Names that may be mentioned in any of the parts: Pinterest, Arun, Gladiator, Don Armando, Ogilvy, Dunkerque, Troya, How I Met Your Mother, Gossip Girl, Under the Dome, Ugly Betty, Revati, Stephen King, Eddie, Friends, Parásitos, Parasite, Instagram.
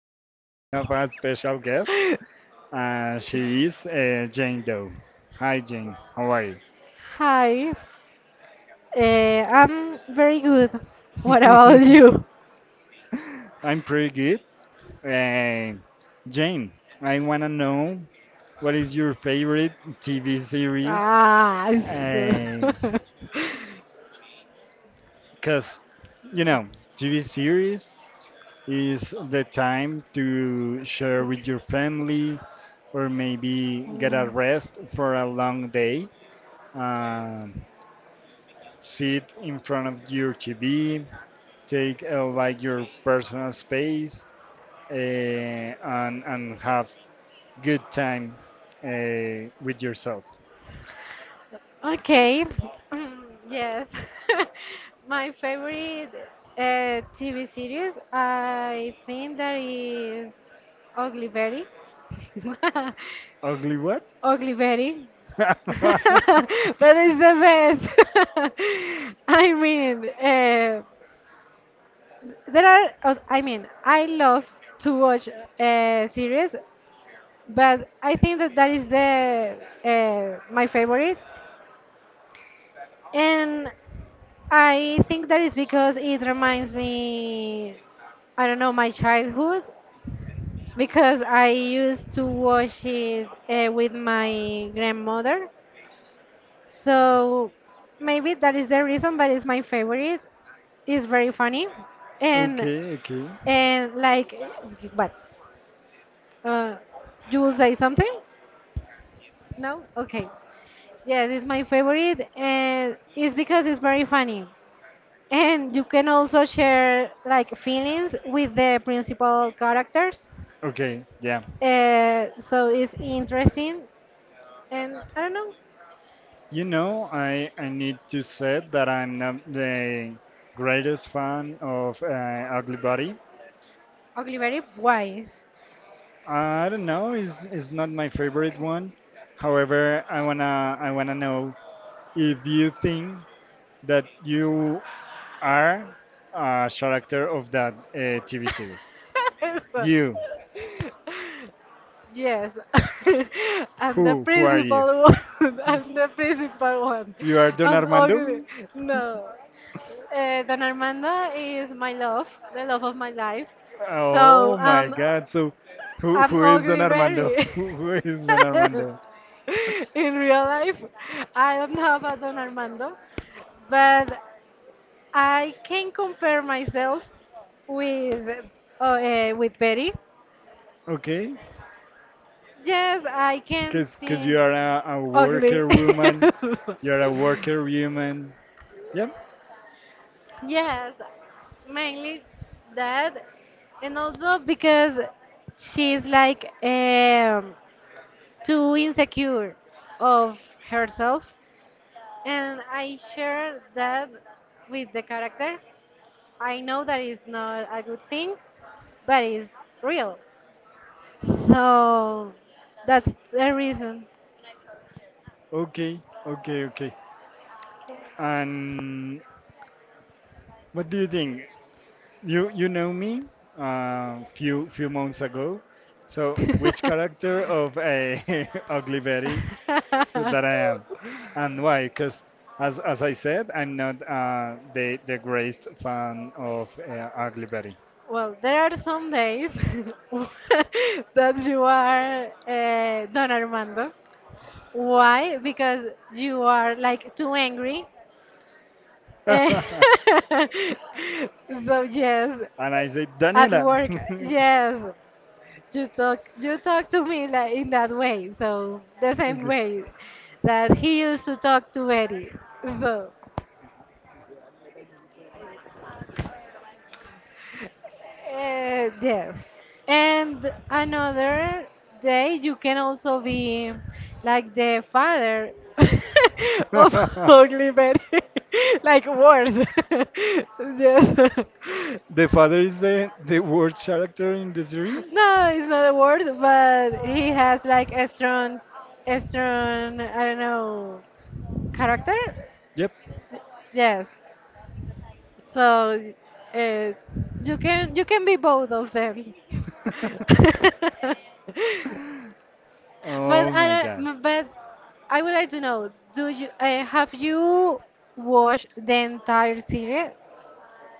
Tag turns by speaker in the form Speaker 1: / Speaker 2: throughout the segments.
Speaker 1: today we have a special guest. She is Jane Doe. Hi, Jane. How are you?
Speaker 2: hi, I'm very good. What about you?
Speaker 1: I'm pretty good. Uh, Jane, I want to know what is your favorite TV series?
Speaker 2: Ah, so-
Speaker 1: Because, you know, TV series is the time to share with your family or maybe get a rest for a long day. Um, Sit in front of your TV, take like your personal space, and have good time with yourself.
Speaker 2: Okay. Mm, yes. My favorite TV series, I think that is Ugly Betty.
Speaker 1: Ugly what?
Speaker 2: Ugly Betty. But it's the best. I mean, there are, I mean, I love to watch series, but I think that that is the my favorite. And I think that is because it reminds me, I don't know, my childhood, because I used to watch it with my grandmother. So maybe that is the reason, but it's my favorite. It's very funny. And
Speaker 1: Okay, okay.
Speaker 2: and like what? Uh, you will say something? No? Okay. Yes, it's my favorite and it's because it's very funny. And you can also share like feelings with the principal characters.
Speaker 1: Okay, yeah.
Speaker 2: So it's interesting. And I don't know,
Speaker 1: I need to say that I'm not the greatest fan of Ugly Body.
Speaker 2: Ogilvy, why?
Speaker 1: I don't know, it's not my favorite one. However, I wanna know if you think that you are a character of that TV series.
Speaker 2: Eso.
Speaker 1: You,
Speaker 2: Yes, I'm the
Speaker 1: who are you?
Speaker 2: principal one. I'm the principal one.
Speaker 1: You are Don
Speaker 2: I'm
Speaker 1: Armando?
Speaker 2: ugly. No. Don Armando is my love, the love of my life.
Speaker 1: Oh
Speaker 2: So
Speaker 1: my
Speaker 2: um,
Speaker 1: God! So, who
Speaker 2: I'm
Speaker 1: who is Don
Speaker 2: ugly
Speaker 1: Armando?
Speaker 2: Berry.
Speaker 1: Who is Don Armando?
Speaker 2: In real life, I don't have a Don Armando, but I can compare myself with with Betty.
Speaker 1: Okay.
Speaker 2: Yes, I can
Speaker 1: Cause
Speaker 2: seem
Speaker 1: you are a
Speaker 2: ugly.
Speaker 1: worker woman. You are a worker woman. Yep.
Speaker 2: Yes, mainly that, and also because she's like too insecure of herself and I share that with the character. I know that is not a good thing, but it's real. So that's the reason.
Speaker 1: Okay. Okay. Okay. And what do you think? You know me few few months ago. So which character of a ugly Betty so that I am, and why? Because as I said, I'm not the greatest fan of ugly Betty.
Speaker 2: Well, there are some days that you are Don Armando. Why? Because you are like too angry. Eh, so yes,
Speaker 1: And I say,
Speaker 2: at
Speaker 1: Daniela.
Speaker 2: work, yes, you talk to me like in that way. So the same
Speaker 1: Okay.
Speaker 2: way that he used to talk to Eddie. So. Yes. And another day, you can also be like the father of Ugly Betty, like worse. Yes.
Speaker 1: The father is the worst character in the series?
Speaker 2: No, it's not a word, but he has like a strong, I don't know, character.
Speaker 1: Yep.
Speaker 2: Yes, so uh, you can be both of them. But
Speaker 1: Oh
Speaker 2: I
Speaker 1: my god.
Speaker 2: don't- but I would like to know, do you have you watched the entire series?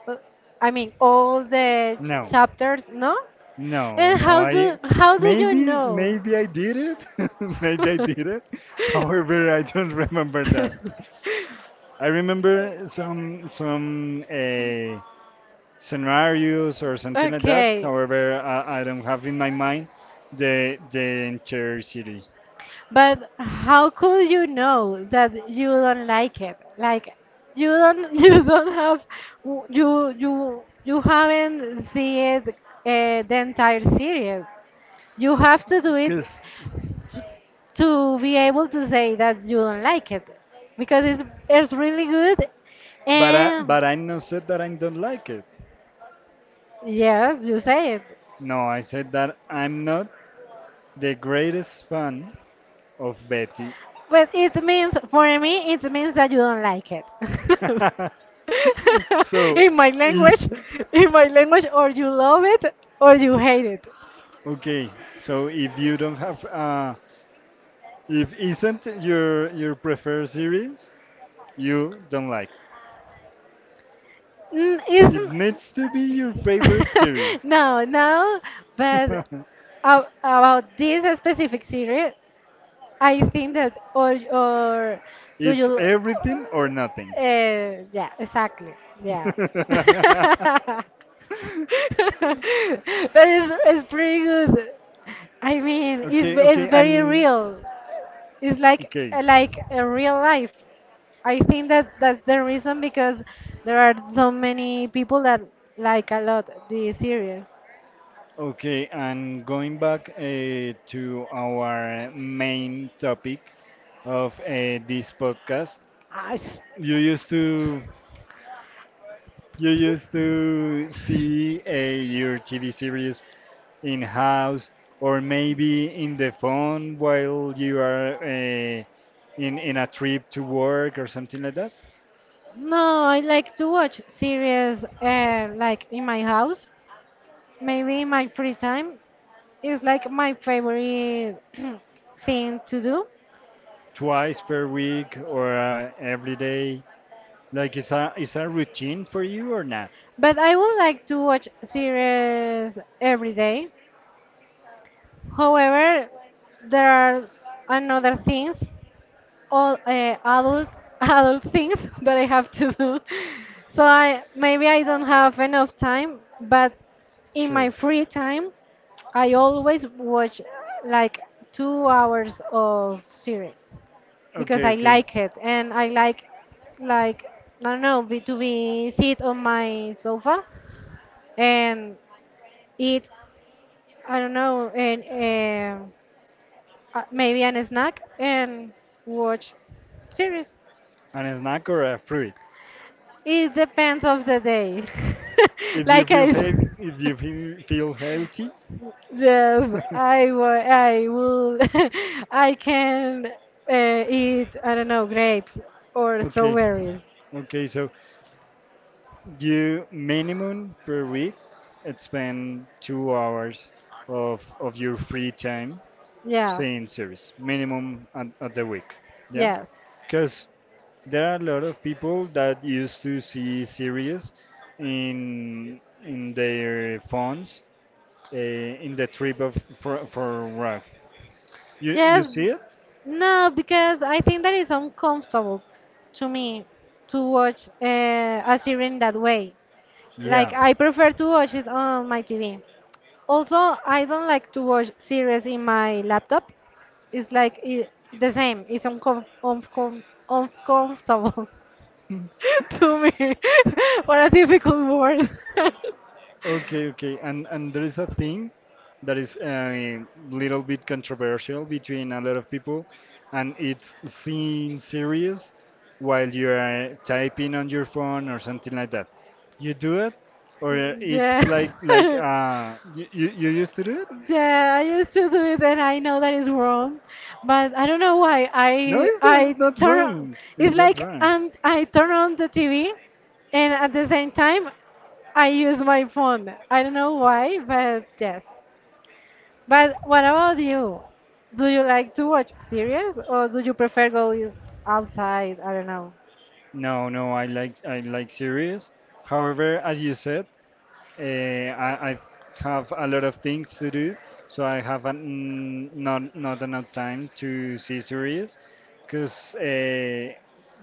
Speaker 2: Uh, I mean, all the ch
Speaker 1: No.
Speaker 2: chapters, no?
Speaker 1: No,
Speaker 2: And
Speaker 1: no,
Speaker 2: how do
Speaker 1: I
Speaker 2: how do you
Speaker 1: maybe
Speaker 2: know?
Speaker 1: maybe I did it. Maybe I did it. However, I don't remember that. I remember some scenarios or something like that.
Speaker 2: Okay.
Speaker 1: However, I don't have in my mind the entire city.
Speaker 2: But how could you know that you don't like it? Like you don't you don't have you haven't seen it, the entire series. You have to do it
Speaker 1: Cause,
Speaker 2: to, to be able to say that you don't like it because it's really good.
Speaker 1: but I
Speaker 2: And
Speaker 1: but I not said that I don't like it.
Speaker 2: yes, you say it.
Speaker 1: No, I said that I'm not the greatest fan of Betty.
Speaker 2: Well, it means, for me, it means that you don't like it.
Speaker 1: so
Speaker 2: In my
Speaker 1: if
Speaker 2: language, in my language, or you love it or you hate it.
Speaker 1: okay, so if you don't have if isn't your preferred series, you don't like.
Speaker 2: Mm.
Speaker 1: It
Speaker 2: Isn't
Speaker 1: needs to be your favorite series.
Speaker 2: No, no, but about this specific series, I think that, or do
Speaker 1: It's
Speaker 2: you?
Speaker 1: everything or nothing.
Speaker 2: Yeah, exactly. Yeah. But it's pretty good. I mean, it's
Speaker 1: Okay,
Speaker 2: it's
Speaker 1: okay,
Speaker 2: very
Speaker 1: and
Speaker 2: real. It's like
Speaker 1: okay.
Speaker 2: like a real life. I think that that's the reason because there are so many people that like a lot the series.
Speaker 1: Okay, and going back to our main topic of this podcast,
Speaker 2: Ah,
Speaker 1: you used to you used to see your TV series in house or maybe in the phone while you are in a trip to work or something like that
Speaker 2: No, I like to watch series like in my house, maybe in my free time. It's like my favorite thing to do.
Speaker 1: twice per week or every day like is a routine for you or not
Speaker 2: But I would like to watch series every day. However, there are another things all adult adult things that I have to do. So I maybe I don't have enough time, but in my
Speaker 1: sure
Speaker 2: free time, I always watch like 2 hours of series because
Speaker 1: okay
Speaker 2: I
Speaker 1: okay
Speaker 2: like it and I like I don't know to be sit on my sofa and eat I don't know and maybe an snack and watch series.
Speaker 1: an snack or a fruit.
Speaker 2: It depends of the day.
Speaker 1: If you
Speaker 2: Like
Speaker 1: feel
Speaker 2: I s-
Speaker 1: healthy, if you feel, feel healthy,
Speaker 2: yes, I will I can eat I don't know grapes or
Speaker 1: okay,
Speaker 2: strawberries.
Speaker 1: okay. So you minimum per week, it's spend 2 hours of your free time
Speaker 2: Yeah.
Speaker 1: seeing series minimum at the week. Yeah,
Speaker 2: Yes.
Speaker 1: because there are a lot of people that used to see series in their phones in the trip of for work. You
Speaker 2: Yes.
Speaker 1: see it?
Speaker 2: No, because I think that is uncomfortable to me to watch a series in that way. Like
Speaker 1: Yeah.
Speaker 2: I prefer to watch it on my TV. Also, I don't like to watch series in my laptop. It's like I the same. It's uncomfortable to me. What a difficult word.
Speaker 1: Okay, okay. And there is a thing that is a little bit controversial between a lot of people, and it's seeing series while you are typing on your phone or something like that. You do it, or it's
Speaker 2: Yes.
Speaker 1: like like uh you used to do it?
Speaker 2: Yeah, I used to do it, and I know that is wrong, but I don't know why.
Speaker 1: It's not wrong. It's
Speaker 2: It's
Speaker 1: not
Speaker 2: like
Speaker 1: wrong.
Speaker 2: I turn on the TV, and at the same time, I use my phone. I don't know why, but yes. But what about you? Do you like to watch series, or do you prefer go outside? I don't know.
Speaker 1: No, no, I like series. However, as you said, I have a lot of things to do, so I have an, not enough time to see series, because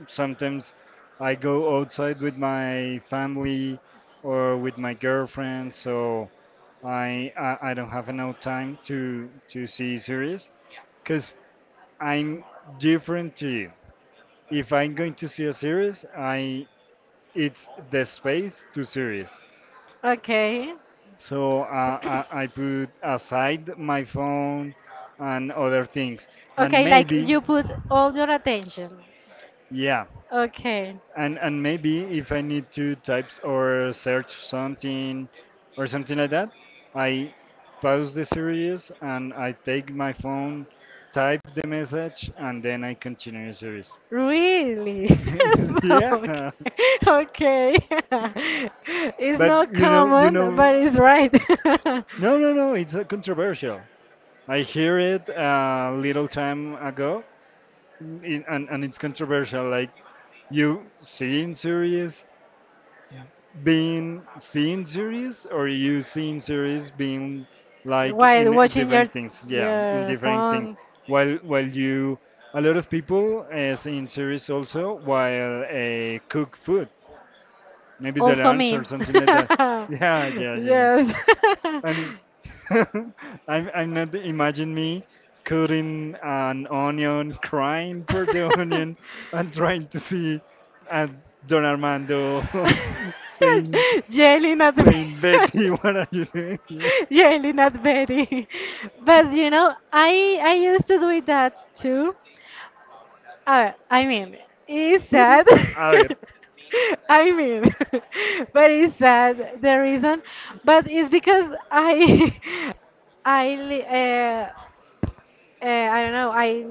Speaker 1: sometimes I go outside with my family or with my girlfriend, so I don't have enough time to see series, because I'm different to you. If I'm going to see a series, I it's the space to series.
Speaker 2: Okay.
Speaker 1: So I put aside my phone and other things. And
Speaker 2: Okay, like
Speaker 1: maybe,
Speaker 2: you put all your attention.
Speaker 1: yeah,
Speaker 2: Okay,
Speaker 1: and maybe if I need to type or search something or something like that, I pause the series and I take my phone, type the message, and then I continue the series.
Speaker 2: really? Okay,
Speaker 1: Yeah,
Speaker 2: okay. It's
Speaker 1: but
Speaker 2: not common, but it's right.
Speaker 1: no, no, no, it's controversial. I hear it a little time ago. And it's controversial. Like you seeing series being seeing series, or you seeing series being like
Speaker 2: While
Speaker 1: in a
Speaker 2: watching your
Speaker 1: different things. Yeah, in
Speaker 2: your
Speaker 1: different things.
Speaker 2: phone,
Speaker 1: While you a lot of people seeing series also while cook food. Maybe they
Speaker 2: also
Speaker 1: learn
Speaker 2: me.
Speaker 1: or something like that. Yeah, yeah, yeah, yeah.
Speaker 2: Yes.
Speaker 1: And I'm not imagine me cutting an onion, crying for the onion, and trying to see uh, Don Armando saying
Speaker 2: Jelly not the
Speaker 1: saying Betty, what are you doing? Here?
Speaker 2: yelling at Betty. But I used to do that too. I mean, it's sad.
Speaker 1: A ver,
Speaker 2: I mean, but it's sad the reason, but it's because I I li- uh, I don't know. I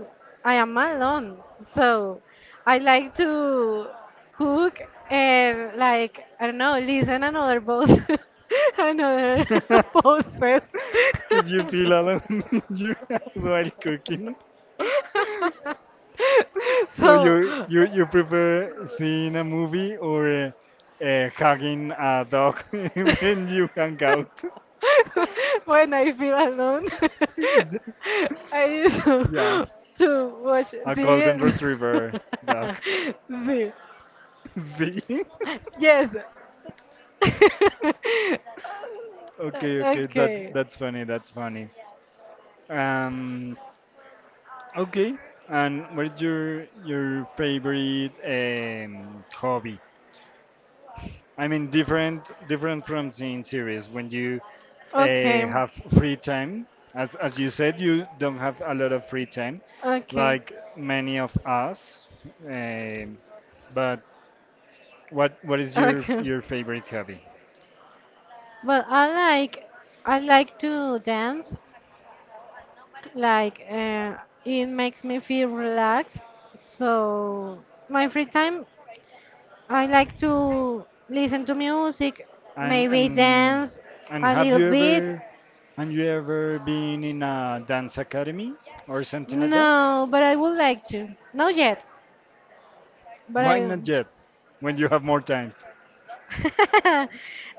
Speaker 2: I am alone, so I like to cook and like I don't know, listen another post, another
Speaker 1: because
Speaker 2: post first.
Speaker 1: you feel alone you while cooking. So
Speaker 2: So.
Speaker 1: you prefer seeing a movie or hugging a dog when you hang out?
Speaker 2: When I feel alone, I used
Speaker 1: Yeah.
Speaker 2: to watch
Speaker 1: A golden
Speaker 2: series.
Speaker 1: retriever dog.
Speaker 2: See.
Speaker 1: See?
Speaker 2: Yes.
Speaker 1: Okay, okay, that's
Speaker 2: Okay.
Speaker 1: funny. That's funny. Um, okay. And what's your favorite hobby? I mean, different from seeing series. When you uh,
Speaker 2: Okay.
Speaker 1: have free time, as you said, you don't have a lot of free time,
Speaker 2: Okay.
Speaker 1: like many of us. Um, but what is your
Speaker 2: Okay.
Speaker 1: favorite hobby?
Speaker 2: Well, I like to dance. Like, it makes me feel relaxed. So, my free time, I like to listen to music,
Speaker 1: And
Speaker 2: maybe dance a
Speaker 1: have
Speaker 2: little
Speaker 1: you
Speaker 2: bit.
Speaker 1: ever been in a dance academy or something like that?
Speaker 2: No, but I would like to. Not yet, but
Speaker 1: Why
Speaker 2: I.
Speaker 1: not yet? When you have more time.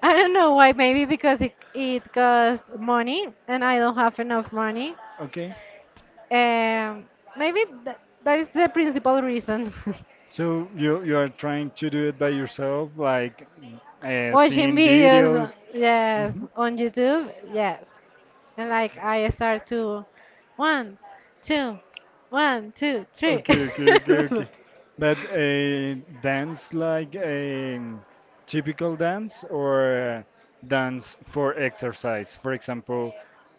Speaker 2: I don't know why. Maybe because it costs money, and I don't have enough money.
Speaker 1: Okay.
Speaker 2: Um, maybe th that is the principal reason.
Speaker 1: So you are trying to do it by yourself, like
Speaker 2: Watching
Speaker 1: seeing
Speaker 2: videos,
Speaker 1: videos.
Speaker 2: yes,
Speaker 1: Hmm.
Speaker 2: on YouTube, yes. And like I start to one, two, one, two, three.
Speaker 1: Okay, okay, okay, okay. But a dance like a typical dance or dance for exercise? For example,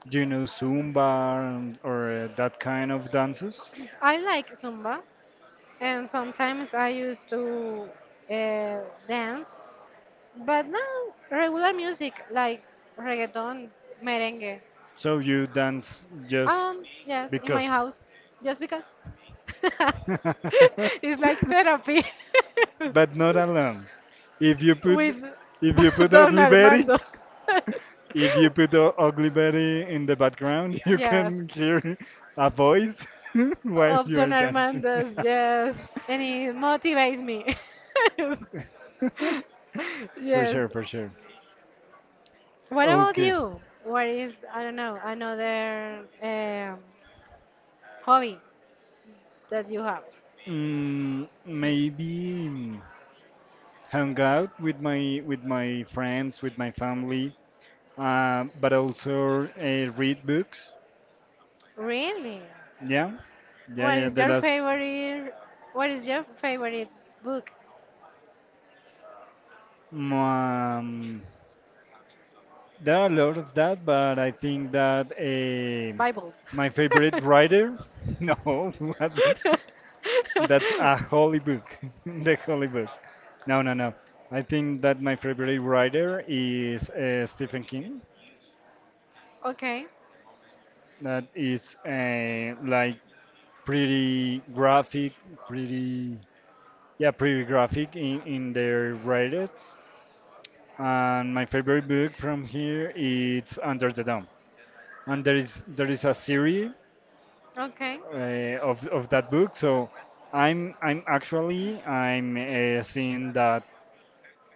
Speaker 1: do you know Zumba and- or that kind of dances?
Speaker 2: I like Zumba, and sometimes I used to uh, dance, but now regular music like reggaeton, merengue.
Speaker 1: So you dance just
Speaker 2: Yes, in my
Speaker 1: because.
Speaker 2: house, just because. It's like therapy.
Speaker 1: But not alone. If you put
Speaker 2: with
Speaker 1: if you put
Speaker 2: Don
Speaker 1: ugly Betty.
Speaker 2: Armando.
Speaker 1: If you put the ugly Betty in the background, you
Speaker 2: Yes,
Speaker 1: can hear a voice while
Speaker 2: of
Speaker 1: you are
Speaker 2: Don
Speaker 1: dancing.
Speaker 2: Armando's, yes, and it motivates me.
Speaker 1: For
Speaker 2: Yes.
Speaker 1: sure, for sure.
Speaker 2: What about
Speaker 1: Okay.
Speaker 2: you? What is I don't know another hobby that you have?
Speaker 1: Mm, maybe mm, Hang out with my friends, with my family, but also read books.
Speaker 2: Really?
Speaker 1: Yeah, yeah,
Speaker 2: What
Speaker 1: yeah.
Speaker 2: is
Speaker 1: The
Speaker 2: your
Speaker 1: last
Speaker 2: favorite? What is your favorite book?
Speaker 1: mm, um, there are a lot of that, but I think that
Speaker 2: Bible.
Speaker 1: my favorite writer. No, what?
Speaker 2: okay,
Speaker 1: That's a holy book. The holy book. No, no, no. I think that my favorite writer is Stephen King.
Speaker 2: okay.
Speaker 1: That is like pretty graphic, pretty, yeah, pretty graphic in their writings. And my favorite book from here is Under the Dome. And there is a series
Speaker 2: Okay,
Speaker 1: uh, of that book. So I'm actually I'm seeing that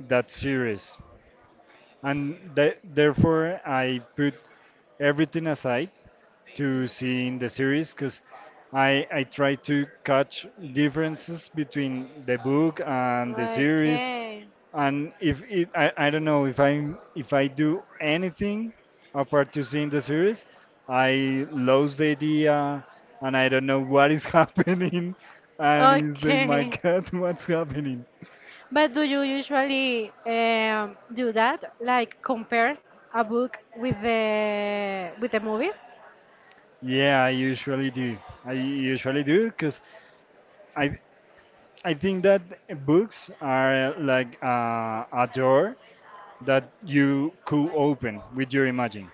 Speaker 1: that series. Therefore I put everything aside to seeing the series because I try to catch differences between the book and the series, and if it I don't know if I do anything apart to seeing the series, I lose the idea and I don't know what is happening, and it's like my
Speaker 2: okay.
Speaker 1: God, what's happening?
Speaker 2: But do you usually do that, like compare a book with the movie?
Speaker 1: Yeah, I usually do. I usually do because I I think that books are like a door that you could open with your imagine,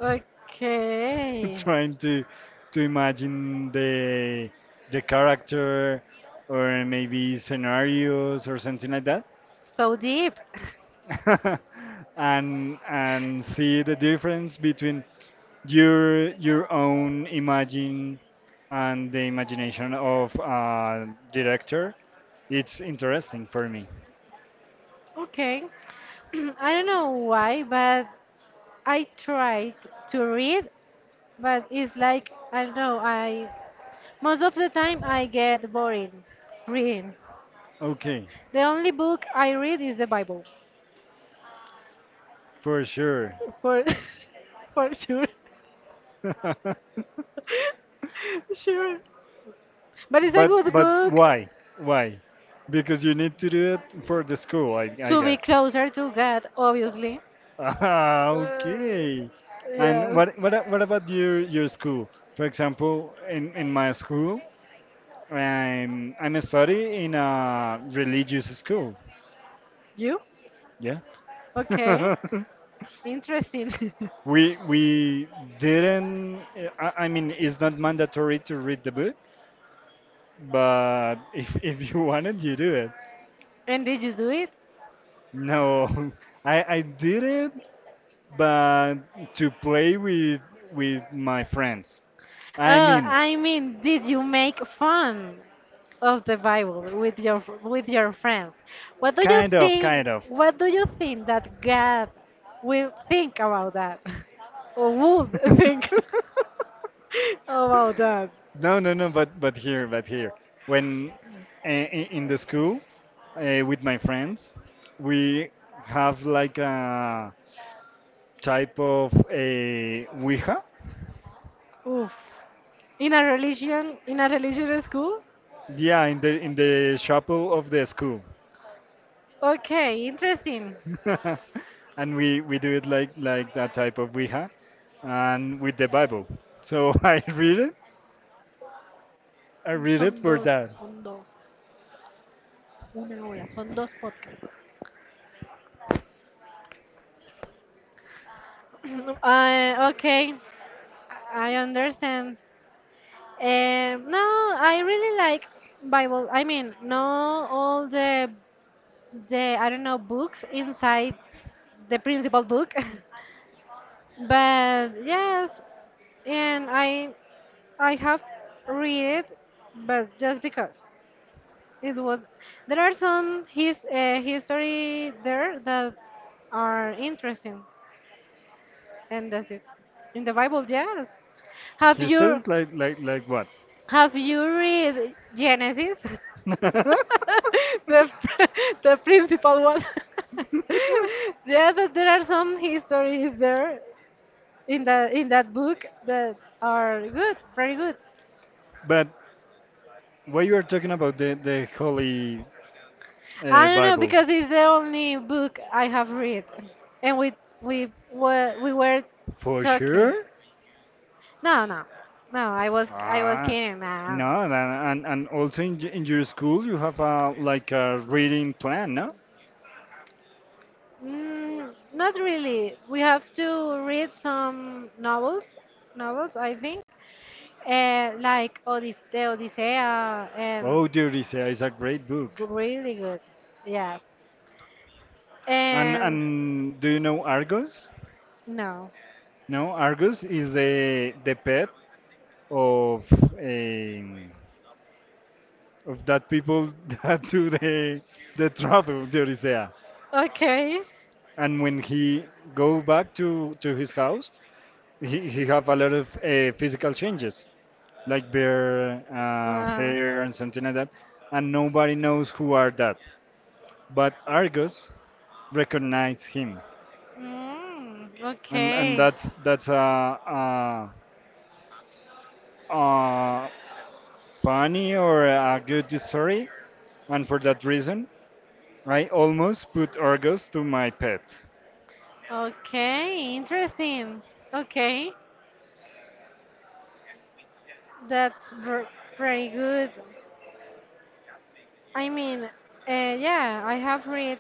Speaker 2: Okay.
Speaker 1: trying to imagine the character or maybe scenarios or something like that,
Speaker 2: So deep.
Speaker 1: and see the difference between your own imagine and the imagination of a director. It's interesting for me.
Speaker 2: Okay. I don't know why, but I tried to read, but it's like, I don't know, I most of the time I get boring reading.
Speaker 1: Okay.
Speaker 2: The only book I read is the Bible.
Speaker 1: For sure.
Speaker 2: For for sure. Sure. But it's a good
Speaker 1: But
Speaker 2: book
Speaker 1: why? Why? Because you need to do it for the school, I
Speaker 2: to be
Speaker 1: guess.
Speaker 2: closer to God, obviously.
Speaker 1: Ah,
Speaker 2: Uh,
Speaker 1: okay. And
Speaker 2: yes.
Speaker 1: what about your school? For example, in my school, I'm a study in a religious school.
Speaker 2: You?
Speaker 1: Yeah.
Speaker 2: Okay. Interesting.
Speaker 1: We didn't. I mean, it's not mandatory to read the book, but if you wanted, you do it.
Speaker 2: And did you do it?
Speaker 1: No, I did it, but to play with my friends. I
Speaker 2: Oh,
Speaker 1: mean,
Speaker 2: I mean, did you make fun of the Bible with your friends? What do you
Speaker 1: kind of,
Speaker 2: think?
Speaker 1: kind of.
Speaker 2: What do you think that God will think about that, or would think? about that.
Speaker 1: No, no, no, but but here. When in, the school with my friends, we have like a type of a Ouija.
Speaker 2: Oof. In a religious school?
Speaker 1: Yeah, in the chapel of the school.
Speaker 2: Okay, interesting.
Speaker 1: And we do it like that type of Ouija, and with the Bible. So I read it. I read it
Speaker 2: Son
Speaker 1: for
Speaker 2: dos,
Speaker 1: that.
Speaker 2: son dos. Una hora, son dos podcasts. Okay, I understand. No, I really like Bible. I mean, no, all the I don't know books inside the principal book. But yes, and I have read, but just because it was there are some history there that are interesting, and that's it. In the Bible, yes. Have
Speaker 1: He
Speaker 2: you
Speaker 1: says like what?
Speaker 2: have you read Genesis? the pr- the principal one. yeah, but there are some histories there in the in that book that are good, very good.
Speaker 1: But what you are talking about the Holy
Speaker 2: I don't know
Speaker 1: Bible
Speaker 2: because it's the only book I have read, and we were
Speaker 1: for
Speaker 2: talking.
Speaker 1: sure?
Speaker 2: No, no, no. I was
Speaker 1: Ah,
Speaker 2: kidding. Nah.
Speaker 1: no, and also in, in your school you have a like a reading plan, no?
Speaker 2: Not really. We have to read some novels, novels I think, like Odys the Odyssea
Speaker 1: Oh,
Speaker 2: and
Speaker 1: dear, is a, it's a great book.
Speaker 2: really good. Yes.
Speaker 1: And
Speaker 2: And
Speaker 1: do you know Argos?
Speaker 2: no.
Speaker 1: No, Argus is the pet of um, of that people that do the travel the Odyssey.
Speaker 2: Okay.
Speaker 1: And when he go back to his house, he have a lot of physical changes, like beard,
Speaker 2: Uh,
Speaker 1: hair, and something like that. And nobody knows who are that, but Argus recognize him, and
Speaker 2: okay.
Speaker 1: that's a funny or a good story and for that reason, I almost put Argos to my pet.
Speaker 2: Okay, interesting. Okay, that's pretty good. I mean, yeah, I have read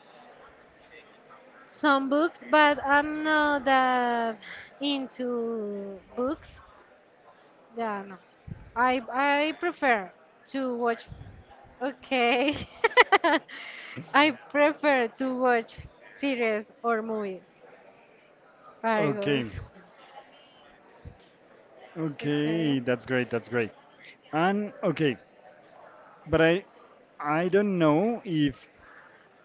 Speaker 2: some books, but I'm not that into books. Yeah, no. I prefer to watch. Okay, I prefer to watch series or movies.
Speaker 1: Okay,
Speaker 2: Argos.
Speaker 1: okay, that's great, that's great. And okay, but I don't know if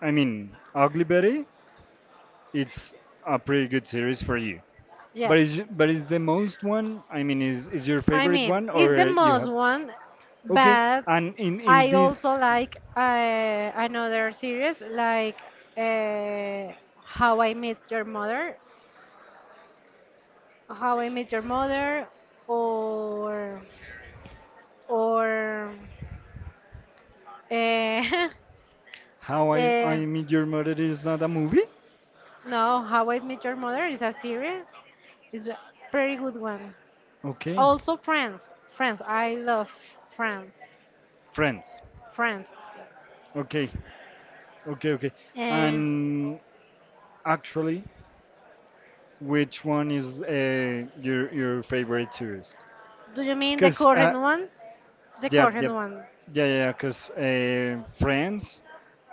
Speaker 1: I mean Ugly Betty. It's a pretty good series for you. But
Speaker 2: Yes.
Speaker 1: is the most one? I mean, is your
Speaker 2: I
Speaker 1: favorite
Speaker 2: mean,
Speaker 1: one
Speaker 2: it's the
Speaker 1: or you
Speaker 2: most
Speaker 1: have?
Speaker 2: one,
Speaker 1: Okay,
Speaker 2: but
Speaker 1: and in
Speaker 2: I also
Speaker 1: this,
Speaker 2: like another series like uh, How I Met Your Mother, How I Met Your Mother, or or uh,
Speaker 1: how I
Speaker 2: uh,
Speaker 1: Meet Your Mother is not a movie.
Speaker 2: no, How I Met Your Mother is a series, It's a pretty good one.
Speaker 1: Okay,
Speaker 2: Also Friends, I love Friends.
Speaker 1: Friends.
Speaker 2: France says.
Speaker 1: Okay, okay, okay.
Speaker 2: Eh,
Speaker 1: And actually which one is your favorite series
Speaker 2: do you mean the
Speaker 1: because
Speaker 2: current one? The
Speaker 1: yeah yeah
Speaker 2: current one.
Speaker 1: yeah because friends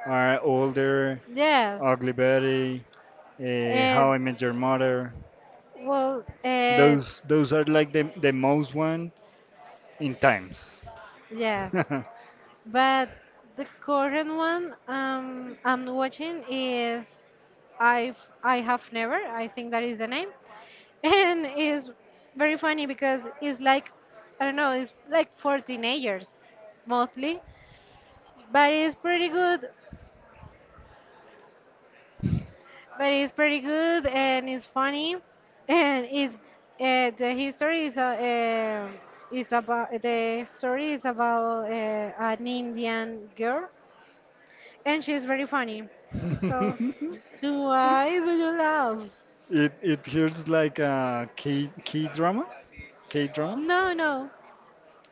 Speaker 1: are older
Speaker 2: Yes.
Speaker 1: ugly betty
Speaker 2: Eh,
Speaker 1: how I met your mother
Speaker 2: well,
Speaker 1: those are like the most one in times.
Speaker 2: yes. But the current one I'm watching is I have never. I think that is the name, and is very funny because it's like I don't know. It's like for teenagers mostly, but it's pretty good but it's pretty good and it's funny and it's uh, the history is uh, um the story is about an Indian girl and she's very funny. So why do you laugh?
Speaker 1: It feels like a key key drama, K drama,
Speaker 2: No, no.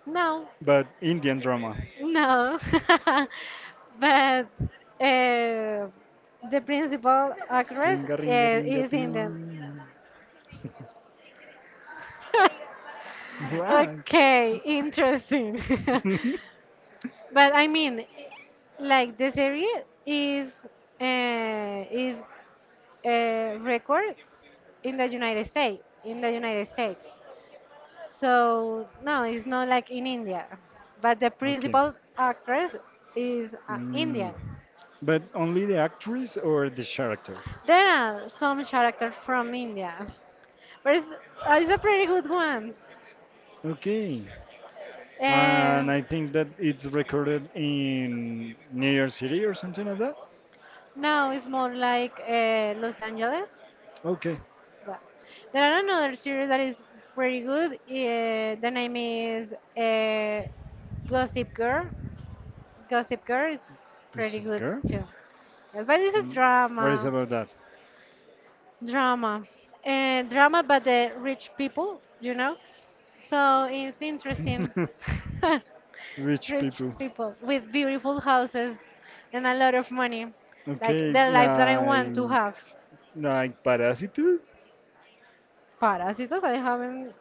Speaker 2: No.
Speaker 1: but Indian drama.
Speaker 2: No. But uh, the principal actress
Speaker 1: Ringa ringa
Speaker 2: uh,
Speaker 1: ringa
Speaker 2: is
Speaker 1: doo.
Speaker 2: Indian. Okay, interesting. But I mean, like the series is uh, is a record in the United States. So no, it's not like in India, but the
Speaker 1: Okay.
Speaker 2: principal actress is
Speaker 1: Mm.
Speaker 2: Indian.
Speaker 1: But only the actress or the character?
Speaker 2: There are some characters from India, but it's a pretty good one.
Speaker 1: Okay.
Speaker 2: Uh,
Speaker 1: And I think that it's recorded in New York City or something like that?
Speaker 2: no, it's more like Los Angeles.
Speaker 1: Okay.
Speaker 2: But there are another series that is pretty good. The name is Gossip Girl. Gossip Girl is
Speaker 1: There's
Speaker 2: pretty
Speaker 1: a
Speaker 2: good
Speaker 1: girl.
Speaker 2: too. Yes, but it's a
Speaker 1: And what is
Speaker 2: drama.
Speaker 1: about that?
Speaker 2: Drama. Drama but the rich people, you know? So it's interesting.
Speaker 1: Rich
Speaker 2: Rich
Speaker 1: people.
Speaker 2: people with beautiful houses and a lot of money. Like
Speaker 1: Okay,
Speaker 2: the life that I want to
Speaker 1: like
Speaker 2: have.
Speaker 1: Parasite,
Speaker 2: Parásitos, I haven't.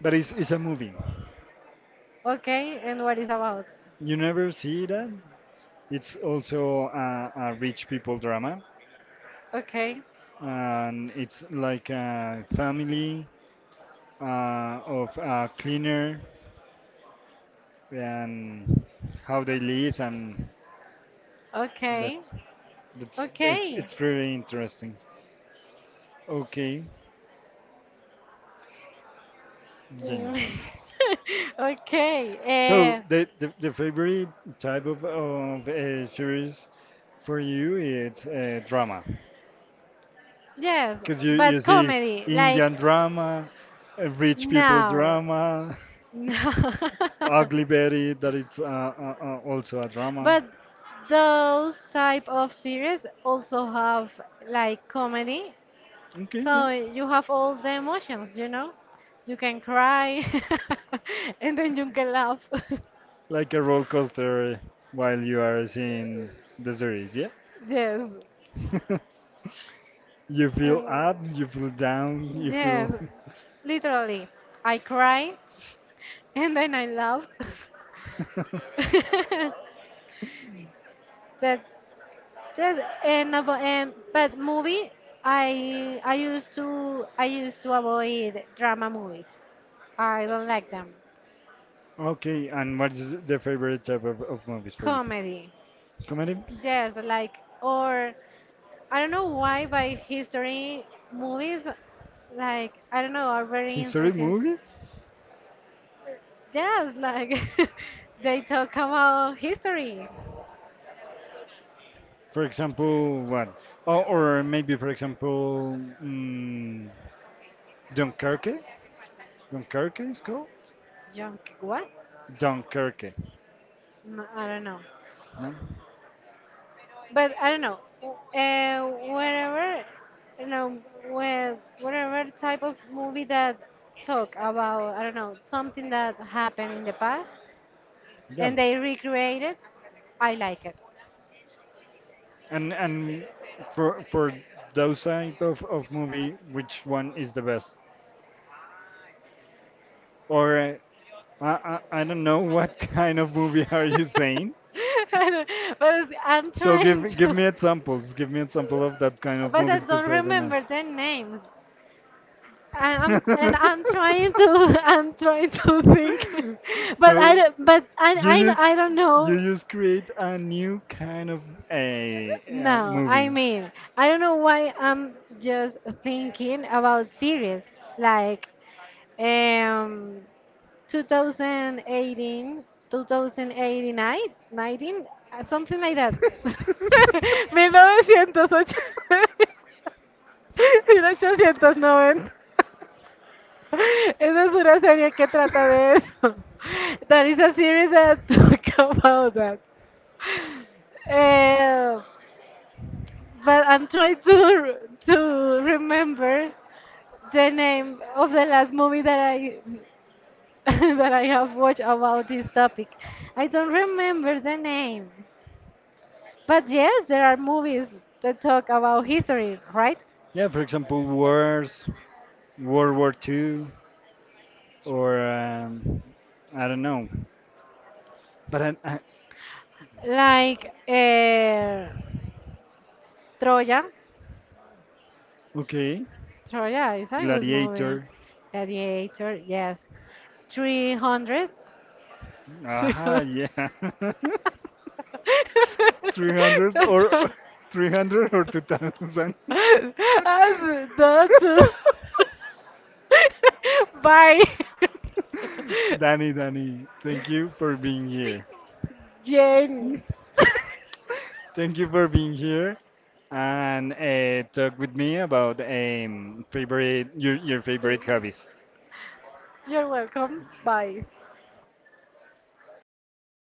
Speaker 1: but it's a movie.
Speaker 2: Okay, and what is about?
Speaker 1: You never see that. It's also a rich people drama,
Speaker 2: Okay,
Speaker 1: and it's like a family of a cleaner and how they live, and
Speaker 2: okay,
Speaker 1: that's that's
Speaker 2: okay.
Speaker 1: it's pretty interesting. Okay, Jenny.
Speaker 2: Mm.
Speaker 1: So
Speaker 2: Okay.
Speaker 1: the favorite type of series for you is
Speaker 2: Uh,
Speaker 1: drama
Speaker 2: Yes
Speaker 1: because you
Speaker 2: but
Speaker 1: see
Speaker 2: comedy, like
Speaker 1: Indian drama, rich people
Speaker 2: now.
Speaker 1: drama,
Speaker 2: No.
Speaker 1: Ugly Betty that it's also a drama.
Speaker 2: But those type of series also have like comedy,
Speaker 1: Okay, yeah,
Speaker 2: so you have all the emotions, you know? You can cry and then you can laugh.
Speaker 1: like a roller coaster while you are seeing the series. Yeah,
Speaker 2: Yes.
Speaker 1: you feel
Speaker 2: Um,
Speaker 1: up, you feel down, you feel.
Speaker 2: yes, literally. I cry and then I laugh. but there's and avo- and but movie I I used to avoid drama movies. I don't like them.
Speaker 1: Okay, and what is the favorite type of movies for you?
Speaker 2: Comedy,
Speaker 1: Comedy.
Speaker 2: yes, like or I don't know why by history movies like I don't know are very
Speaker 1: History
Speaker 2: interesting.
Speaker 1: movies?
Speaker 2: Yes, like they talk about history.
Speaker 1: For example, what? Oh, or maybe, for example, Dunkerque? Dunkerque is called?
Speaker 2: Young what?
Speaker 1: Dunkerque.
Speaker 2: No, I don't know.
Speaker 1: No?
Speaker 2: But I don't know. Whenever you know, with whatever type of movie that talk about, I don't know, something that happened in the past
Speaker 1: Yeah.
Speaker 2: and they recreate it, I like it.
Speaker 1: And for those type of movie, which one is the best? Or I don't know what kind of movie are you saying,
Speaker 2: I don't- but I'm
Speaker 1: so
Speaker 2: trying
Speaker 1: give
Speaker 2: to,
Speaker 1: me examples. Give me example of that kind of
Speaker 2: but I
Speaker 1: movies, cause
Speaker 2: don't
Speaker 1: I don't know.
Speaker 2: remember their names. I'm trying to I'm trying to think,
Speaker 1: So
Speaker 2: but I
Speaker 1: you use
Speaker 2: I I don't
Speaker 1: you
Speaker 2: know.
Speaker 1: just create a new kind of a,
Speaker 2: No, I
Speaker 1: movie.
Speaker 2: mean I don't know why I'm just thinking about series like um 2018, 19, something like that. 1980, 1890. Esa es una serie que trata de eso. That is a series that talk about that. Uh, but I'm trying to remember the name of the last movie that I that I have watched about this topic. I don't remember the name. But yes, there are movies that talk about history, right?
Speaker 1: Yeah, for example, wars, World War II, or I don't know. But
Speaker 2: Like Troya.
Speaker 1: okay,
Speaker 2: Troya is a good movie.
Speaker 1: Gladiator.
Speaker 2: Gladiator, yes. 300.
Speaker 1: Aha,
Speaker 2: That's
Speaker 1: yeah. 300 or
Speaker 2: all.
Speaker 1: 300 or 2000.
Speaker 2: As- That's all. Bye.
Speaker 1: Danny, Danny, thank you for being here.
Speaker 2: Jane.
Speaker 1: Thank you for being here and talk with me about favorite your favorite hobbies.
Speaker 2: You're welcome. Bye.